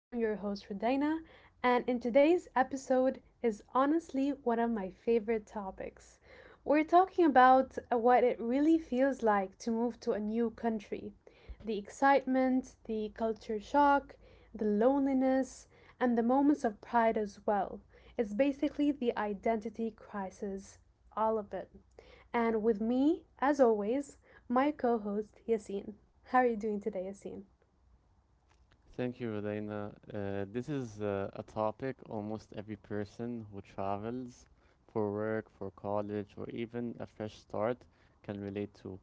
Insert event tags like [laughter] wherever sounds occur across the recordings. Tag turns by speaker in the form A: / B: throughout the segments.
A: I'm your host, Rodina, and in today's episode is honestly one of my favorite topics. We're talking about what it really feels like to move to a new country, the excitement, the culture shock, the loneliness, and the moments of pride as well. It's basically the identity crisis, all of it, and with me, as always, my co host, Yassine. How are you doing today, Yassine?
B: Thank you, Rodina. This is a topic almost every person who travels for work, for college, or even a fresh start can relate to.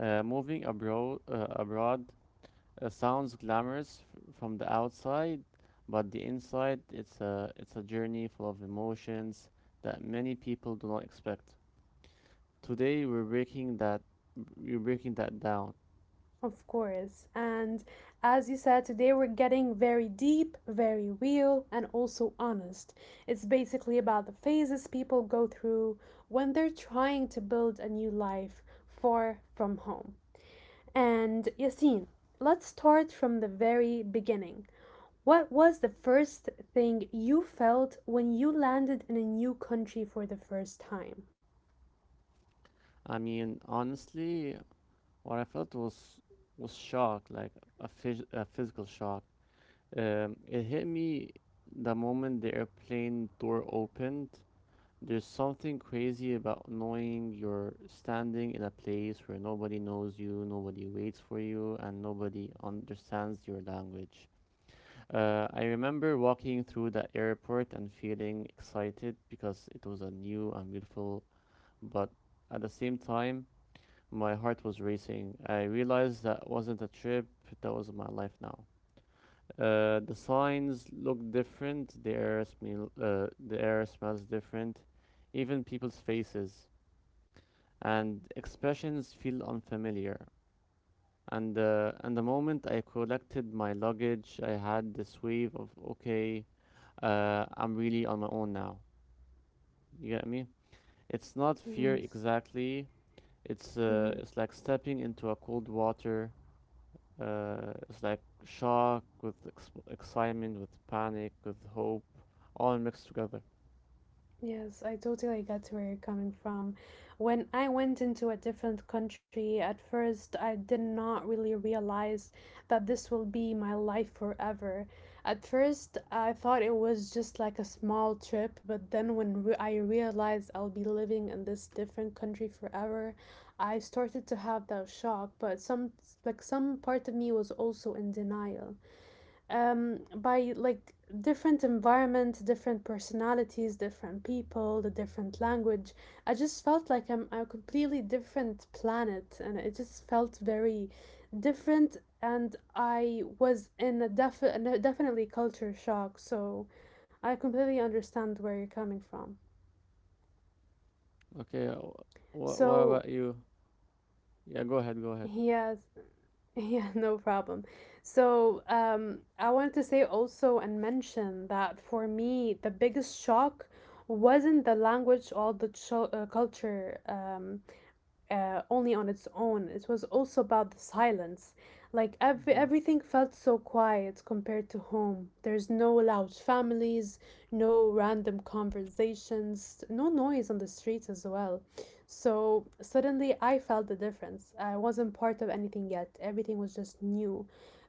B: Moving abroad, sounds glamorous from the outside, but the inside, it's a journey full of emotions that many people do not expect. Today, we're breaking that down.
A: Of course. And as you said, today we're getting very deep, very real, and also honest. It's basically about the phases people go through when they're trying to build a new life far from home. And Yassine, let's start from the very beginning. What was the first thing you felt when you landed in a new country for the first time?
B: I mean, honestly, what I felt was shock, like a physical shock. It hit me the moment the airplane door opened. There's something crazy about knowing you're standing in a place where nobody knows you, nobody waits for you, and nobody understands your language. I remember walking through the airport and feeling excited because it was a new and beautiful, but at the same time, my heart was racing. I realized that wasn't a trip, that was my life now. The signs look different. The air smells different. Even people's faces and expressions feel unfamiliar. And the moment I collected my luggage, I had this wave of okay, I'm really on my own now. You get me? It's not fear
A: Yes.
B: exactly.
A: Hmm.
B: It's like stepping into a cold water. It's like shock with excitement, with panic, with hope, all mixed together.
A: Yes, I totally get where you're coming from. When I went into a different country, at first I did not really realize that this will be my life forever. At first, I thought it was just like a small trip, but then I realized I'll be living in this different country forever, I started to have that shock, but some, like some part of me was also in denial by, like, different environment, different personalities, different people, the different language. I just felt like I'm a completely different planet and it just felt very different and I was in a definitely culture shock. So I completely understand where you're coming from.
B: Okay, what
A: So
B: about you? Yeah, go ahead, go ahead.
A: yes, [laughs] yeah, no problem. So, I wanted to say also and mention that for me, the biggest shock wasn't the language or the culture. Only on its own. It was also about the silence. Like
B: Hmm.
A: everything felt so quiet compared to home. There's no loud families, no random conversations, no noise on the streets as well. So suddenly I felt the difference. I wasn't part of anything yet. Everything was just new.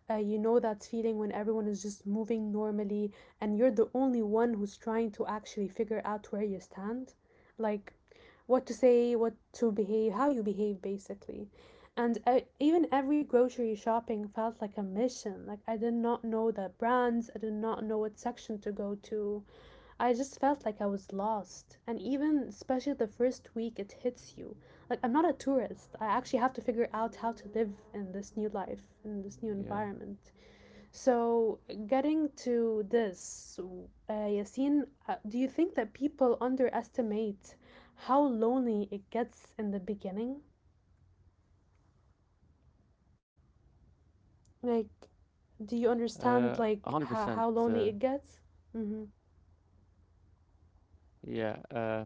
A: You know that feeling when everyone is just moving normally and you're the only one who's trying to actually figure out where you stand? Like, what to say, what to behave, how you behave basically. And even every grocery shopping felt like a mission. Like I did not know the brands, I did not know what section to go to. I just felt like I was lost. And even especially the first week it hits you. Like I'm not a tourist. I actually have to figure out how to live in this new life, in this new
B: Yeah,
A: environment. So, getting to this, Yassine, do you think that people underestimate how lonely it gets in the beginning? Like, do
B: uh,
A: you
B: a hundred
A: understand
B: percent.
A: like
B: Uh,
A: how lonely it gets? Mm-hmm.
B: yeah,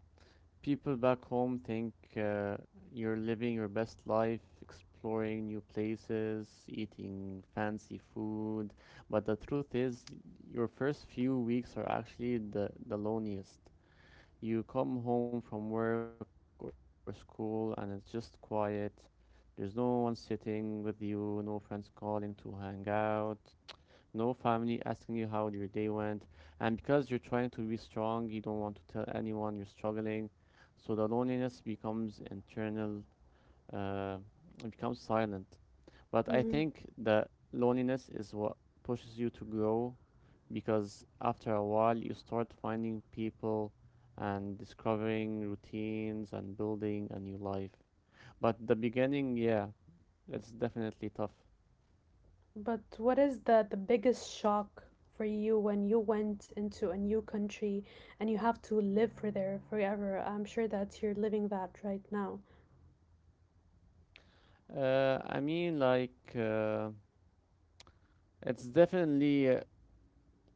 B: people back home think you're living your best life, exploring new places, eating fancy food, but the truth is, your first few weeks are actually the loneliest. You come home from work or school and it's just quiet. There's no one sitting with you, no friends calling to hang out, no family asking you how your day went. And because you're trying to be strong, you don't want to tell anyone you're struggling. So the loneliness becomes internal, uh, it becomes silent. But I
A: Mm-hmm.
B: think the loneliness is what pushes you to grow because after a while you start finding people and discovering routines and building a new life. But the beginning, yeah, it's definitely tough.
A: But what is the biggest shock for you when you went into a new country and you have to live for there forever? I'm sure that you're living that right now.
B: I mean, like, it's definitely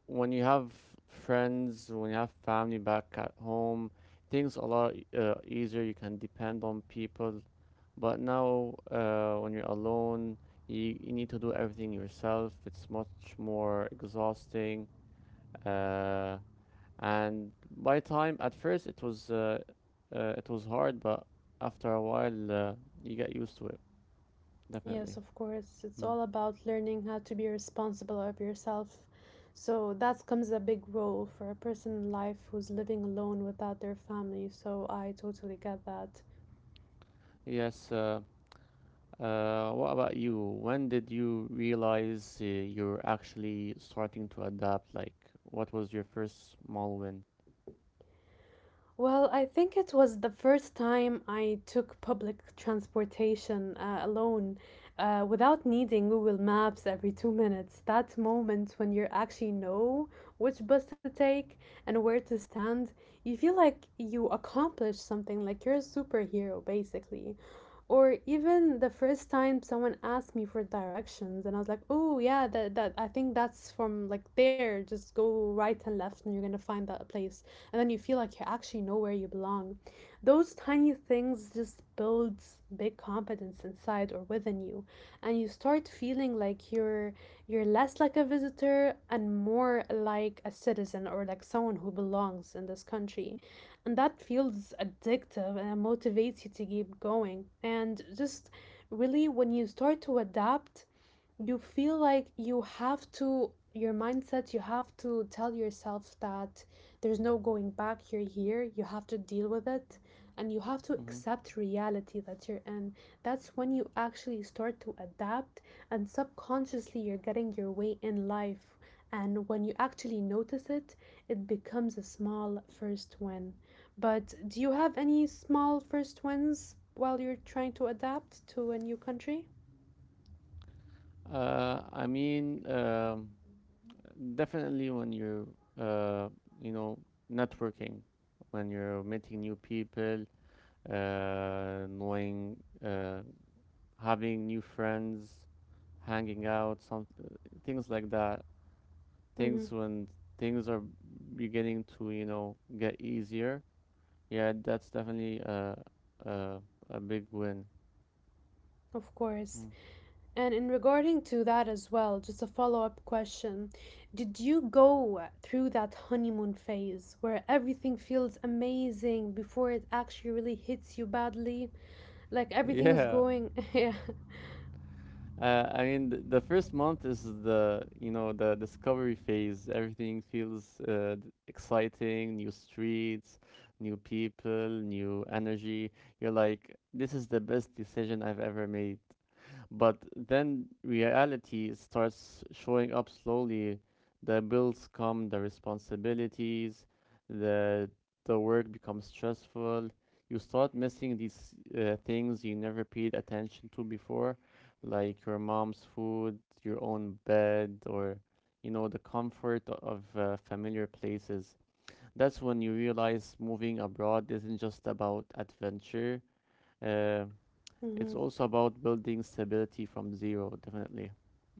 B: When you have friends, when you have family back at home, things a lot easier. You can depend on people. But now, when you're alone, you need to do everything yourself. It's much more exhausting. Uh, and by time, at first it was hard, but after a while, you get used to it.
A: Yes,
B: Definitely.
A: of course. It's
B: Mm.
A: all about learning how to be responsible of yourself. So that comes a big role for a person in life who's living alone without their family. So I totally get that.
B: Yes. What about you? When did you realize you're actually starting to adapt? Like, what was your first small win?
A: Well, I think it was the first time I took public transportation alone without needing Google Maps every 2 minutes. That moment when you actually know which bus to take and where to stand, you feel like you accomplished something, like you're a superhero, basically. Or even the first time someone asked me for directions, and I was like, "Oh yeah, that I think that's from like there. Just go right and left, and you're gonna find that place." And then you feel like you actually know where you belong. Those tiny things just builds big confidence inside or within you, and you start feeling like you're less like a visitor and more like a citizen or like someone who belongs in this country. And that feels addictive and it motivates you to keep going. And just really when you start to adapt, you feel like you have to, your mindset, you have to tell yourself that there's no going back, you're here, you have to deal with it, and you have to
B: Hmm.
A: accept reality that you're in. That's when you actually start to adapt, and subconsciously you're getting your way in life, and when you actually notice it, it becomes a small first win. But do you have any small first wins while you're trying to adapt to a new country?
B: uh, I mean, um, Definitely when you're uh you know networking, when you're meeting new people, knowing uh having new friends, hanging out, some things like that.
A: Mm-hmm.
B: Things when things are beginning to, you know, get easier. Yeah, that's definitely uh a big win.
A: Of course.
B: Mm.
A: And in regarding to that as well, just a follow-up question. Did you go through that honeymoon phase where everything feels amazing before it actually really hits you badly? Like
B: [laughs]
A: everything is
B: Yeah.
A: going, [laughs] yeah.
B: The first month is the, you know, the discovery phase. Everything feels exciting, new streets, new people, new energy. You're like, this is the best decision I've ever made. But then reality starts showing up slowly. The bills come, the responsibilities, the the work becomes stressful. You start missing these things you never paid attention to before, like your mom's food, your own bed, or you know the comfort of familiar places. That's when you realize moving abroad isn't just about adventure. Uh, it's
A: Mhm.
B: also about building stability from zero, definitely.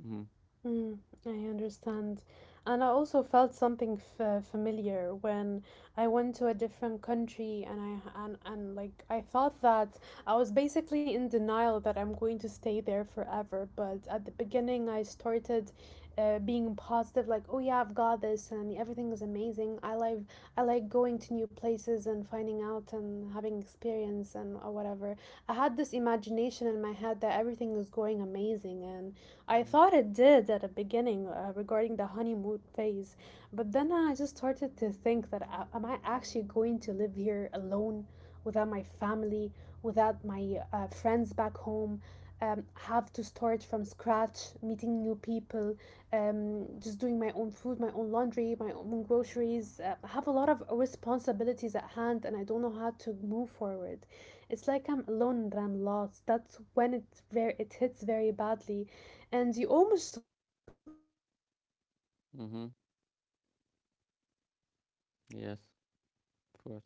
B: Hmm.
A: Mm, I understand. And I also felt something f familiar when I went to a different country and like I thought that I was basically in denial that I'm going to stay there forever. But at the beginning, I started being positive, like, oh yeah, I've got this and everything is amazing. I like going to new places and finding out and having experience and whatever. I had this imagination in my head that everything is going amazing and I
B: Hmm.
A: thought it did at the beginning, regarding the honeymoon phase, but then I just started to think that, am I actually going to live here alone without my family, without my friends back home? Have to start from scratch, meeting new people, just doing my own food, my own laundry, my own groceries. I have a lot of responsibilities at hand, and I don't know how to move forward. It's like I'm alone and I'm lost. That's when it very it hits very badly and you almost go through depression but you try
B: Hmm.
A: to stop that for a bit.
B: Yes, of course.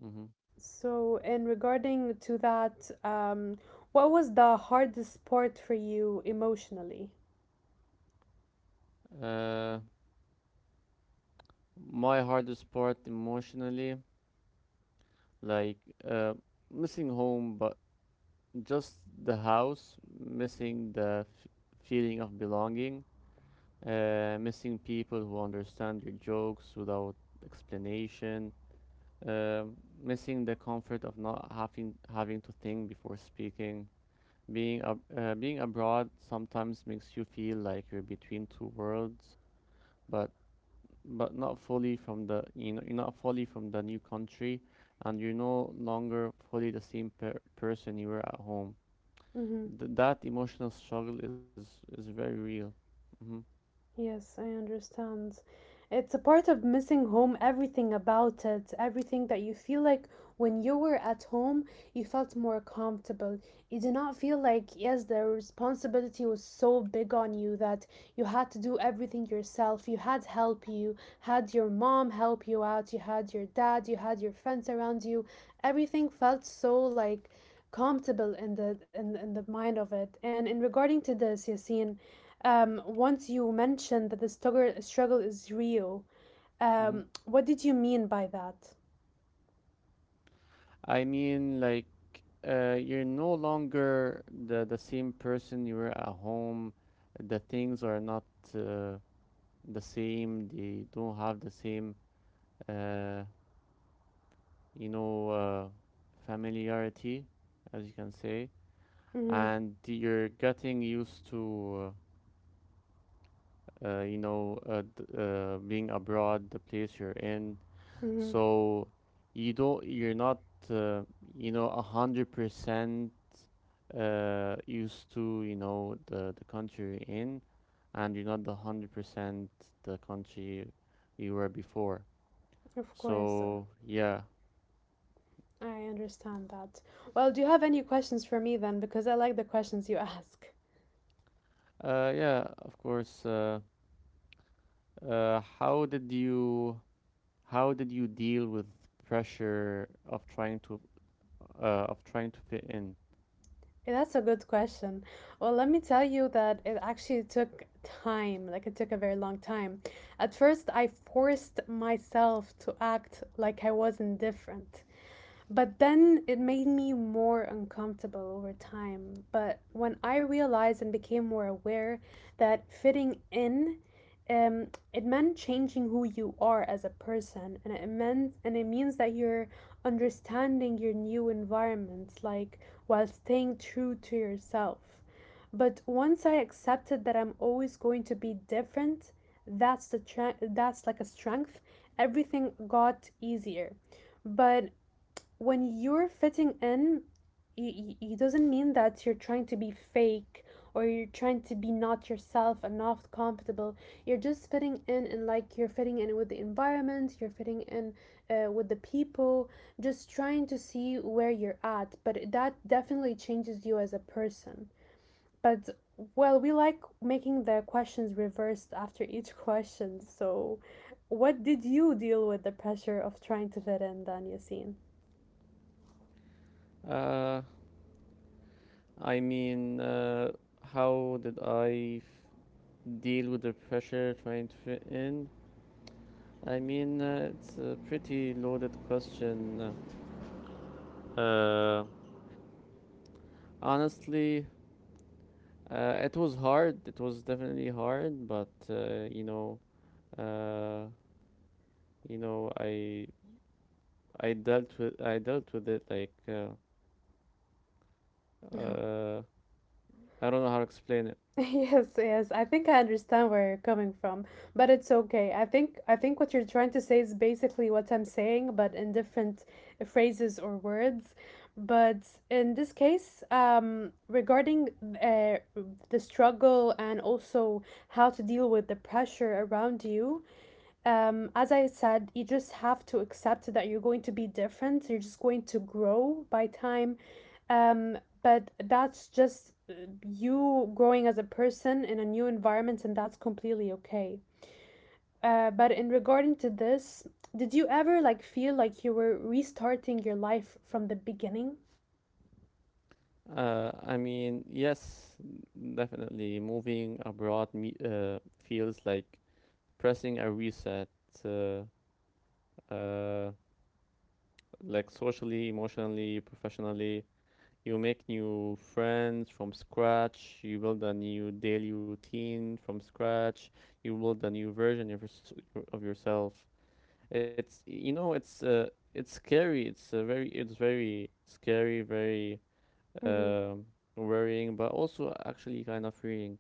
B: Hmm.
A: So in regarding to that, what was the hardest part for you emotionally?
B: Uh, my hardest part emotionally, like uh, missing home, but just the house, missing the feeling of belonging, missing people who understand your jokes without explanation, um, missing the comfort of not having to think before speaking. Being abroad sometimes makes you feel like you're between two worlds, but not fully from the you know you're not fully from the new country, and you're no longer fully the same person you were at home.
A: Mm-hmm.
B: Th That emotional struggle is very real. Hmm.
A: Yes, I understand. It's a part of missing home, everything about it, everything that you feel like when you were at home, you felt more comfortable. You do not feel like, yes, the responsibility was so big on you that you had to do everything yourself. You had help, you had your mom help you out, you had your dad, you had your friends around you. Everything felt so like comfortable in in the mind of it. And in regarding to this, Yasin, once you mentioned that the struggle is real,
B: Hmm.
A: what did you mean by that?
B: I mean, like you're no longer the same person you were at home. The things are not uh, the same. They don't have the same uh, you know, uh, familiarity, as you can say,
A: Mm-hmm,
B: and you're getting used to, being abroad, the place you're in.
A: mm-hmm.
B: So you're not, uh, 100% used to, you know, the country you're in, and you're not the 100% the country you were before.
A: Of course.
B: So yeah.
A: I understand that. Well, do you have any questions for me then? Because I like the questions you [laughs] ask.
B: Yeah, of course. Uh, how did you how did you deal with pressure of trying to fit in?
A: Yeah, that's a good question. Well, let me tell you that it actually took time, like it took a very long time. At first, I forced myself to act like I was indifferent. But then it made me more uncomfortable over time. But when I realized and became more aware that fitting in, um, it meant changing who you are as a person, and it meant and it means that you're understanding your new environment, like while staying true to yourself. But once I accepted that I'm always going to be different, that's like a strength. Everything got easier. But when you're fitting in, it doesn't mean that you're trying to be fake or you're trying to be not yourself and not comfortable. You're just fitting in and like you're fitting in with the environment, you're fitting in with the people, just trying to see where you're at. But that definitely changes you as a person. But well, we like making the questions reversed after each question. So, what did you deal with the pressure of trying to fit in, then, Yassine?
B: Uh, I mean, uh, how did I deal with the pressure trying to fit in? It's a pretty loaded question. Uh, Honestly, it was hard. It was definitely hard, but uh, you know, I I dealt with it like Uh, I don't know how to explain it.
A: [laughs] Yes, yes. I think I understand where you're coming from, but it's okay. I think what you're trying to say is basically what I'm saying, but in different phrases or words. But in this case, regarding uh, the struggle and also how to deal with the pressure around you, as I said, you just have to accept that you're going to be different. You're just going to grow by time. But that's just you growing as a person in a new environment, and that's completely okay. But in regarding to this, did you ever like feel like you were restarting your life from the beginning?
B: Uh, I mean, yes, Definitely moving abroad me feels like pressing a reset. Uh, uh, like socially, emotionally, professionally, you make new friends from scratch. You build a new daily routine from scratch. You build a new version of yourself. It's you know, it's uh, it's scary. It's very scary, very
A: Mm-hmm.
B: um worrying, but also actually kind of freeing.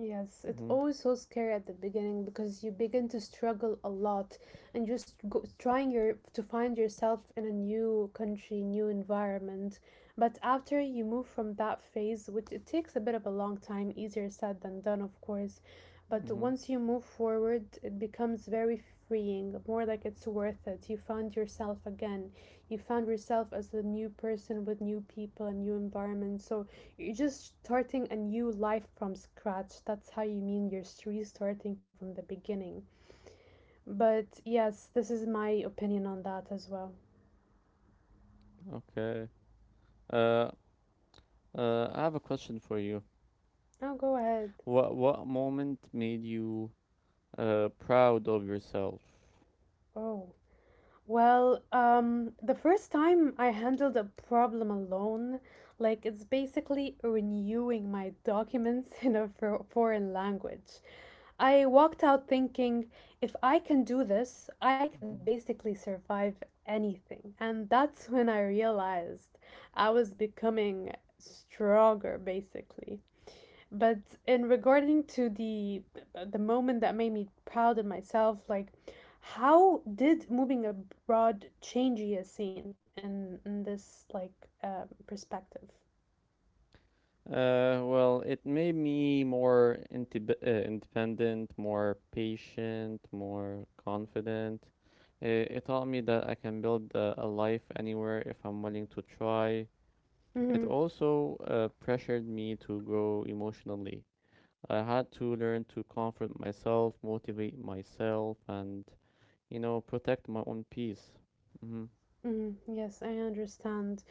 A: Yes, it's
B: Mm-hmm.
A: always so scary at the beginning because you begin to struggle a lot and just go, trying your to find yourself in a new country, new environment. But after you move from that phase, which it takes a bit of a long time, easier said than done, of course. But
B: Mm-hmm.
A: once you move forward, it becomes very freeing, more like it's worth it. You found yourself again. You found yourself as a new person with new people and new environment. So you're just starting a new life from scratch. That's how you mean you're restarting from the beginning. But yes, this is my opinion on that as well.
B: Okay. uh I have a question for you.
A: Oh, go ahead.
B: What moment made you proud of yourself?
A: Oh. Well, the first time I handled a problem alone, like it's basically renewing my documents [laughs] in a foreign language. I walked out thinking, if I can do this, I can
B: Mhm.
A: basically survive anything. And that's [laughs] when I realized I was becoming stronger, basically. But in regarding to the moment that made me proud of myself, like how did moving abroad change your scene in this perspective?
B: Well, it made me more intib independent, more patient, more confident. It taught me that I can build a life anywhere if I'm willing to try. It also pressured me to grow emotionally. I had to learn to comfort myself, motivate myself, and you know, protect my own peace. Hmm.
A: Mm, yes, I understand.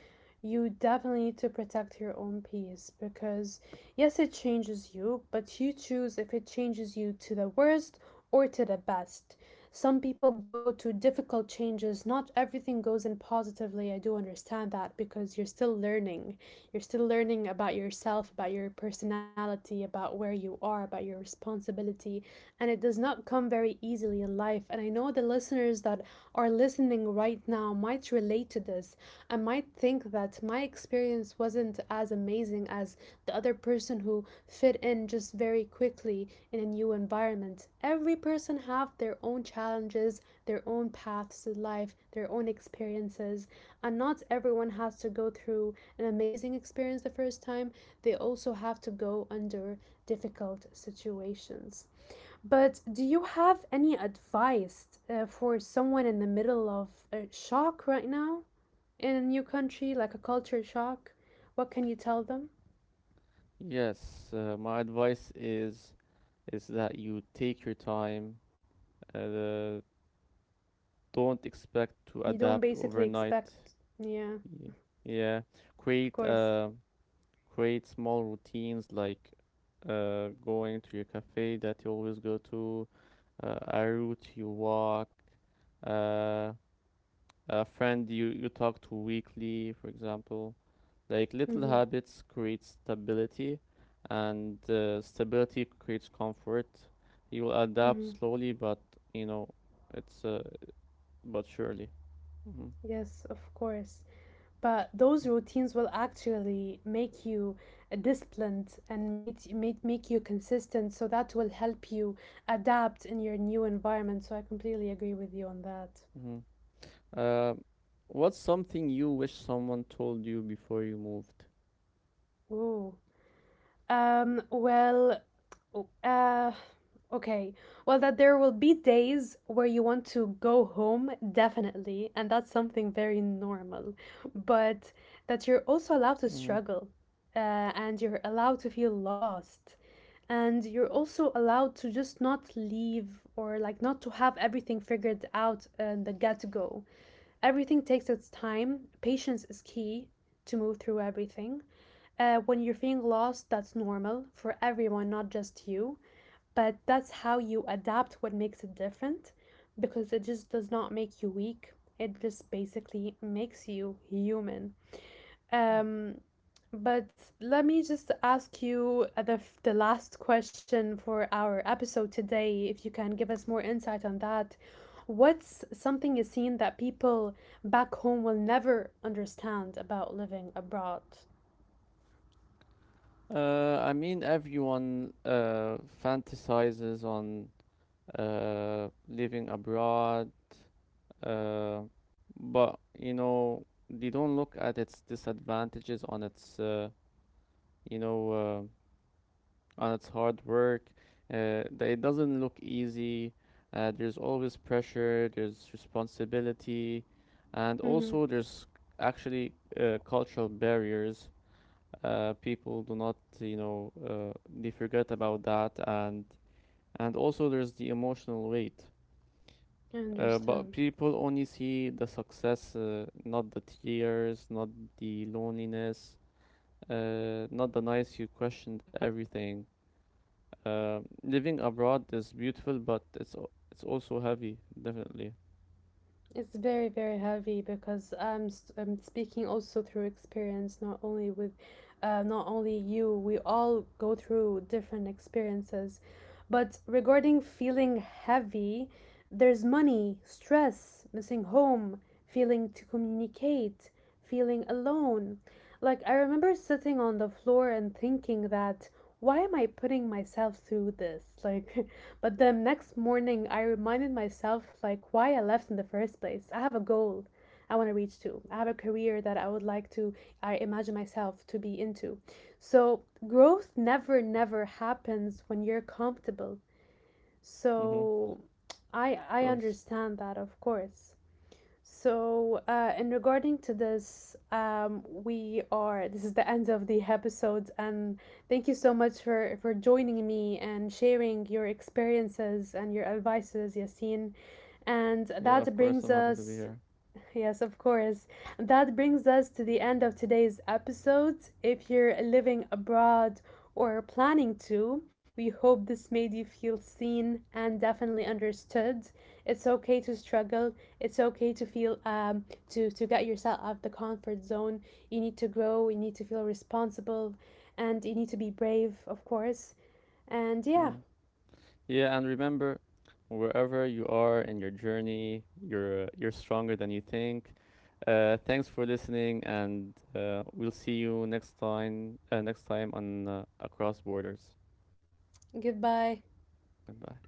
A: You definitely need to protect your own peace because, yes, it changes you, but you choose if it changes you to the worst or to the best. Some people go to difficult changes. Not everything goes in positively. I do understand that because you're still learning. You're still learning about yourself, about your personality, about where you are, about your responsibility. And it does not come very easily in life. And I know the listeners that are listening right now might relate to this and might think that my experience wasn't as amazing as the other person who fit in just very quickly in a new environment. Every person have their own challenges, their own paths in life, their own experiences, and not everyone has to go through an amazing experience the first time. They also have to go under difficult situations. But do you have any advice for someone in the middle of a shock right now in a new country, like a culture shock? What can you tell them?
B: Yes, my advice is that you take your time. Uh, don't expect to
A: You don't
B: adapt
A: basically
B: overnight.
A: expect. Yeah,
B: Y- Yeah,
A: of
B: create
A: course.
B: uh create small routines, like going to your cafe that you always go to, a route you walk, uh a friend you talk to weekly, for example. Like little
A: Mm-hmm.
B: habits create stability, and stability creates comfort. You will adapt
A: Mm-hmm.
B: slowly, but you know it's but surely. Mm-hmm.
A: Yes, of course. But those routines will actually make you disciplined and make you consistent. So that will help you adapt in your new environment. So I completely agree with you on that.
B: Mm-hmm. Uh, what's something you wish someone told you before you moved?
A: Ooh. Um, well, Oh, Uh, okay. Well, that there will be days where you want to go home, definitely, and that's something very normal. But that you're
B: Mm-hmm.
A: also allowed to struggle, uh, and you're allowed to feel lost, and you're also allowed to just not leave or like not to have everything figured out in the get-go. Everything takes its time. Patience is key to move through everything. When you're feeling lost, that's normal for everyone, not just you, but that's how you adapt, what makes it different, because it just does not make you weak, it just basically makes you human. Um but Let me just ask you the last question for our episode today, if you can give us more insight on that. What's something you seen that people back home will never understand about living abroad?
B: Everyone fantasizes on living abroad, uh, but you know they don't look at its disadvantages on its you know uh, on its hard work, that it doesn't look easy. There's always pressure, there's responsibility, and
A: Mm-hmm.
B: also there's actually cultural barriers. People do not you know they forget about that, and also there's the emotional weight.
A: I
B: But
A: understand.
B: people only see the success, not the tears, not the loneliness, not the nights you questioned everything. Uh, Living abroad is beautiful, but it's also heavy, definitely.
A: It's very, very heavy because I'm speaking also through experience, not only with, not only you. We all go through different experiences, but regarding feeling heavy, there's money, stress, missing home, feeling to communicate, feeling alone. Like I remember sitting on the floor and thinking that why am I putting myself through this? Like [laughs] But the next morning, I reminded myself like why I left in the first place. I have a goal I want to reach to. I have a career that I would like to, I imagine myself to be into. So, growth never happens when you're comfortable.
B: Mm-hmm.
A: So, I
B: Of
A: I
B: course.
A: understand that, of course. So, in regarding to this, this is the end of the episode, and thank you so much for joining me and sharing your experiences and your advices, Yasin. And
B: Yeah, of
A: that
B: course.
A: brings
B: I'm happy to be
A: us.
B: here.
A: Yes, of course. That brings us to the end of today's episode. If you're living abroad or planning to, we hope this made you feel seen and definitely understood. It's okay to struggle. It's okay to feel to get yourself out of the comfort zone. You need to grow, you need to feel responsible, and you need to be brave, of course. And yeah,
B: Mm. Yeah, and remember, wherever you are in your journey, you're stronger than you think. Thanks for listening, and we'll see you next time. Next time on Across Borders.
A: goodbye.
B: Goodbye.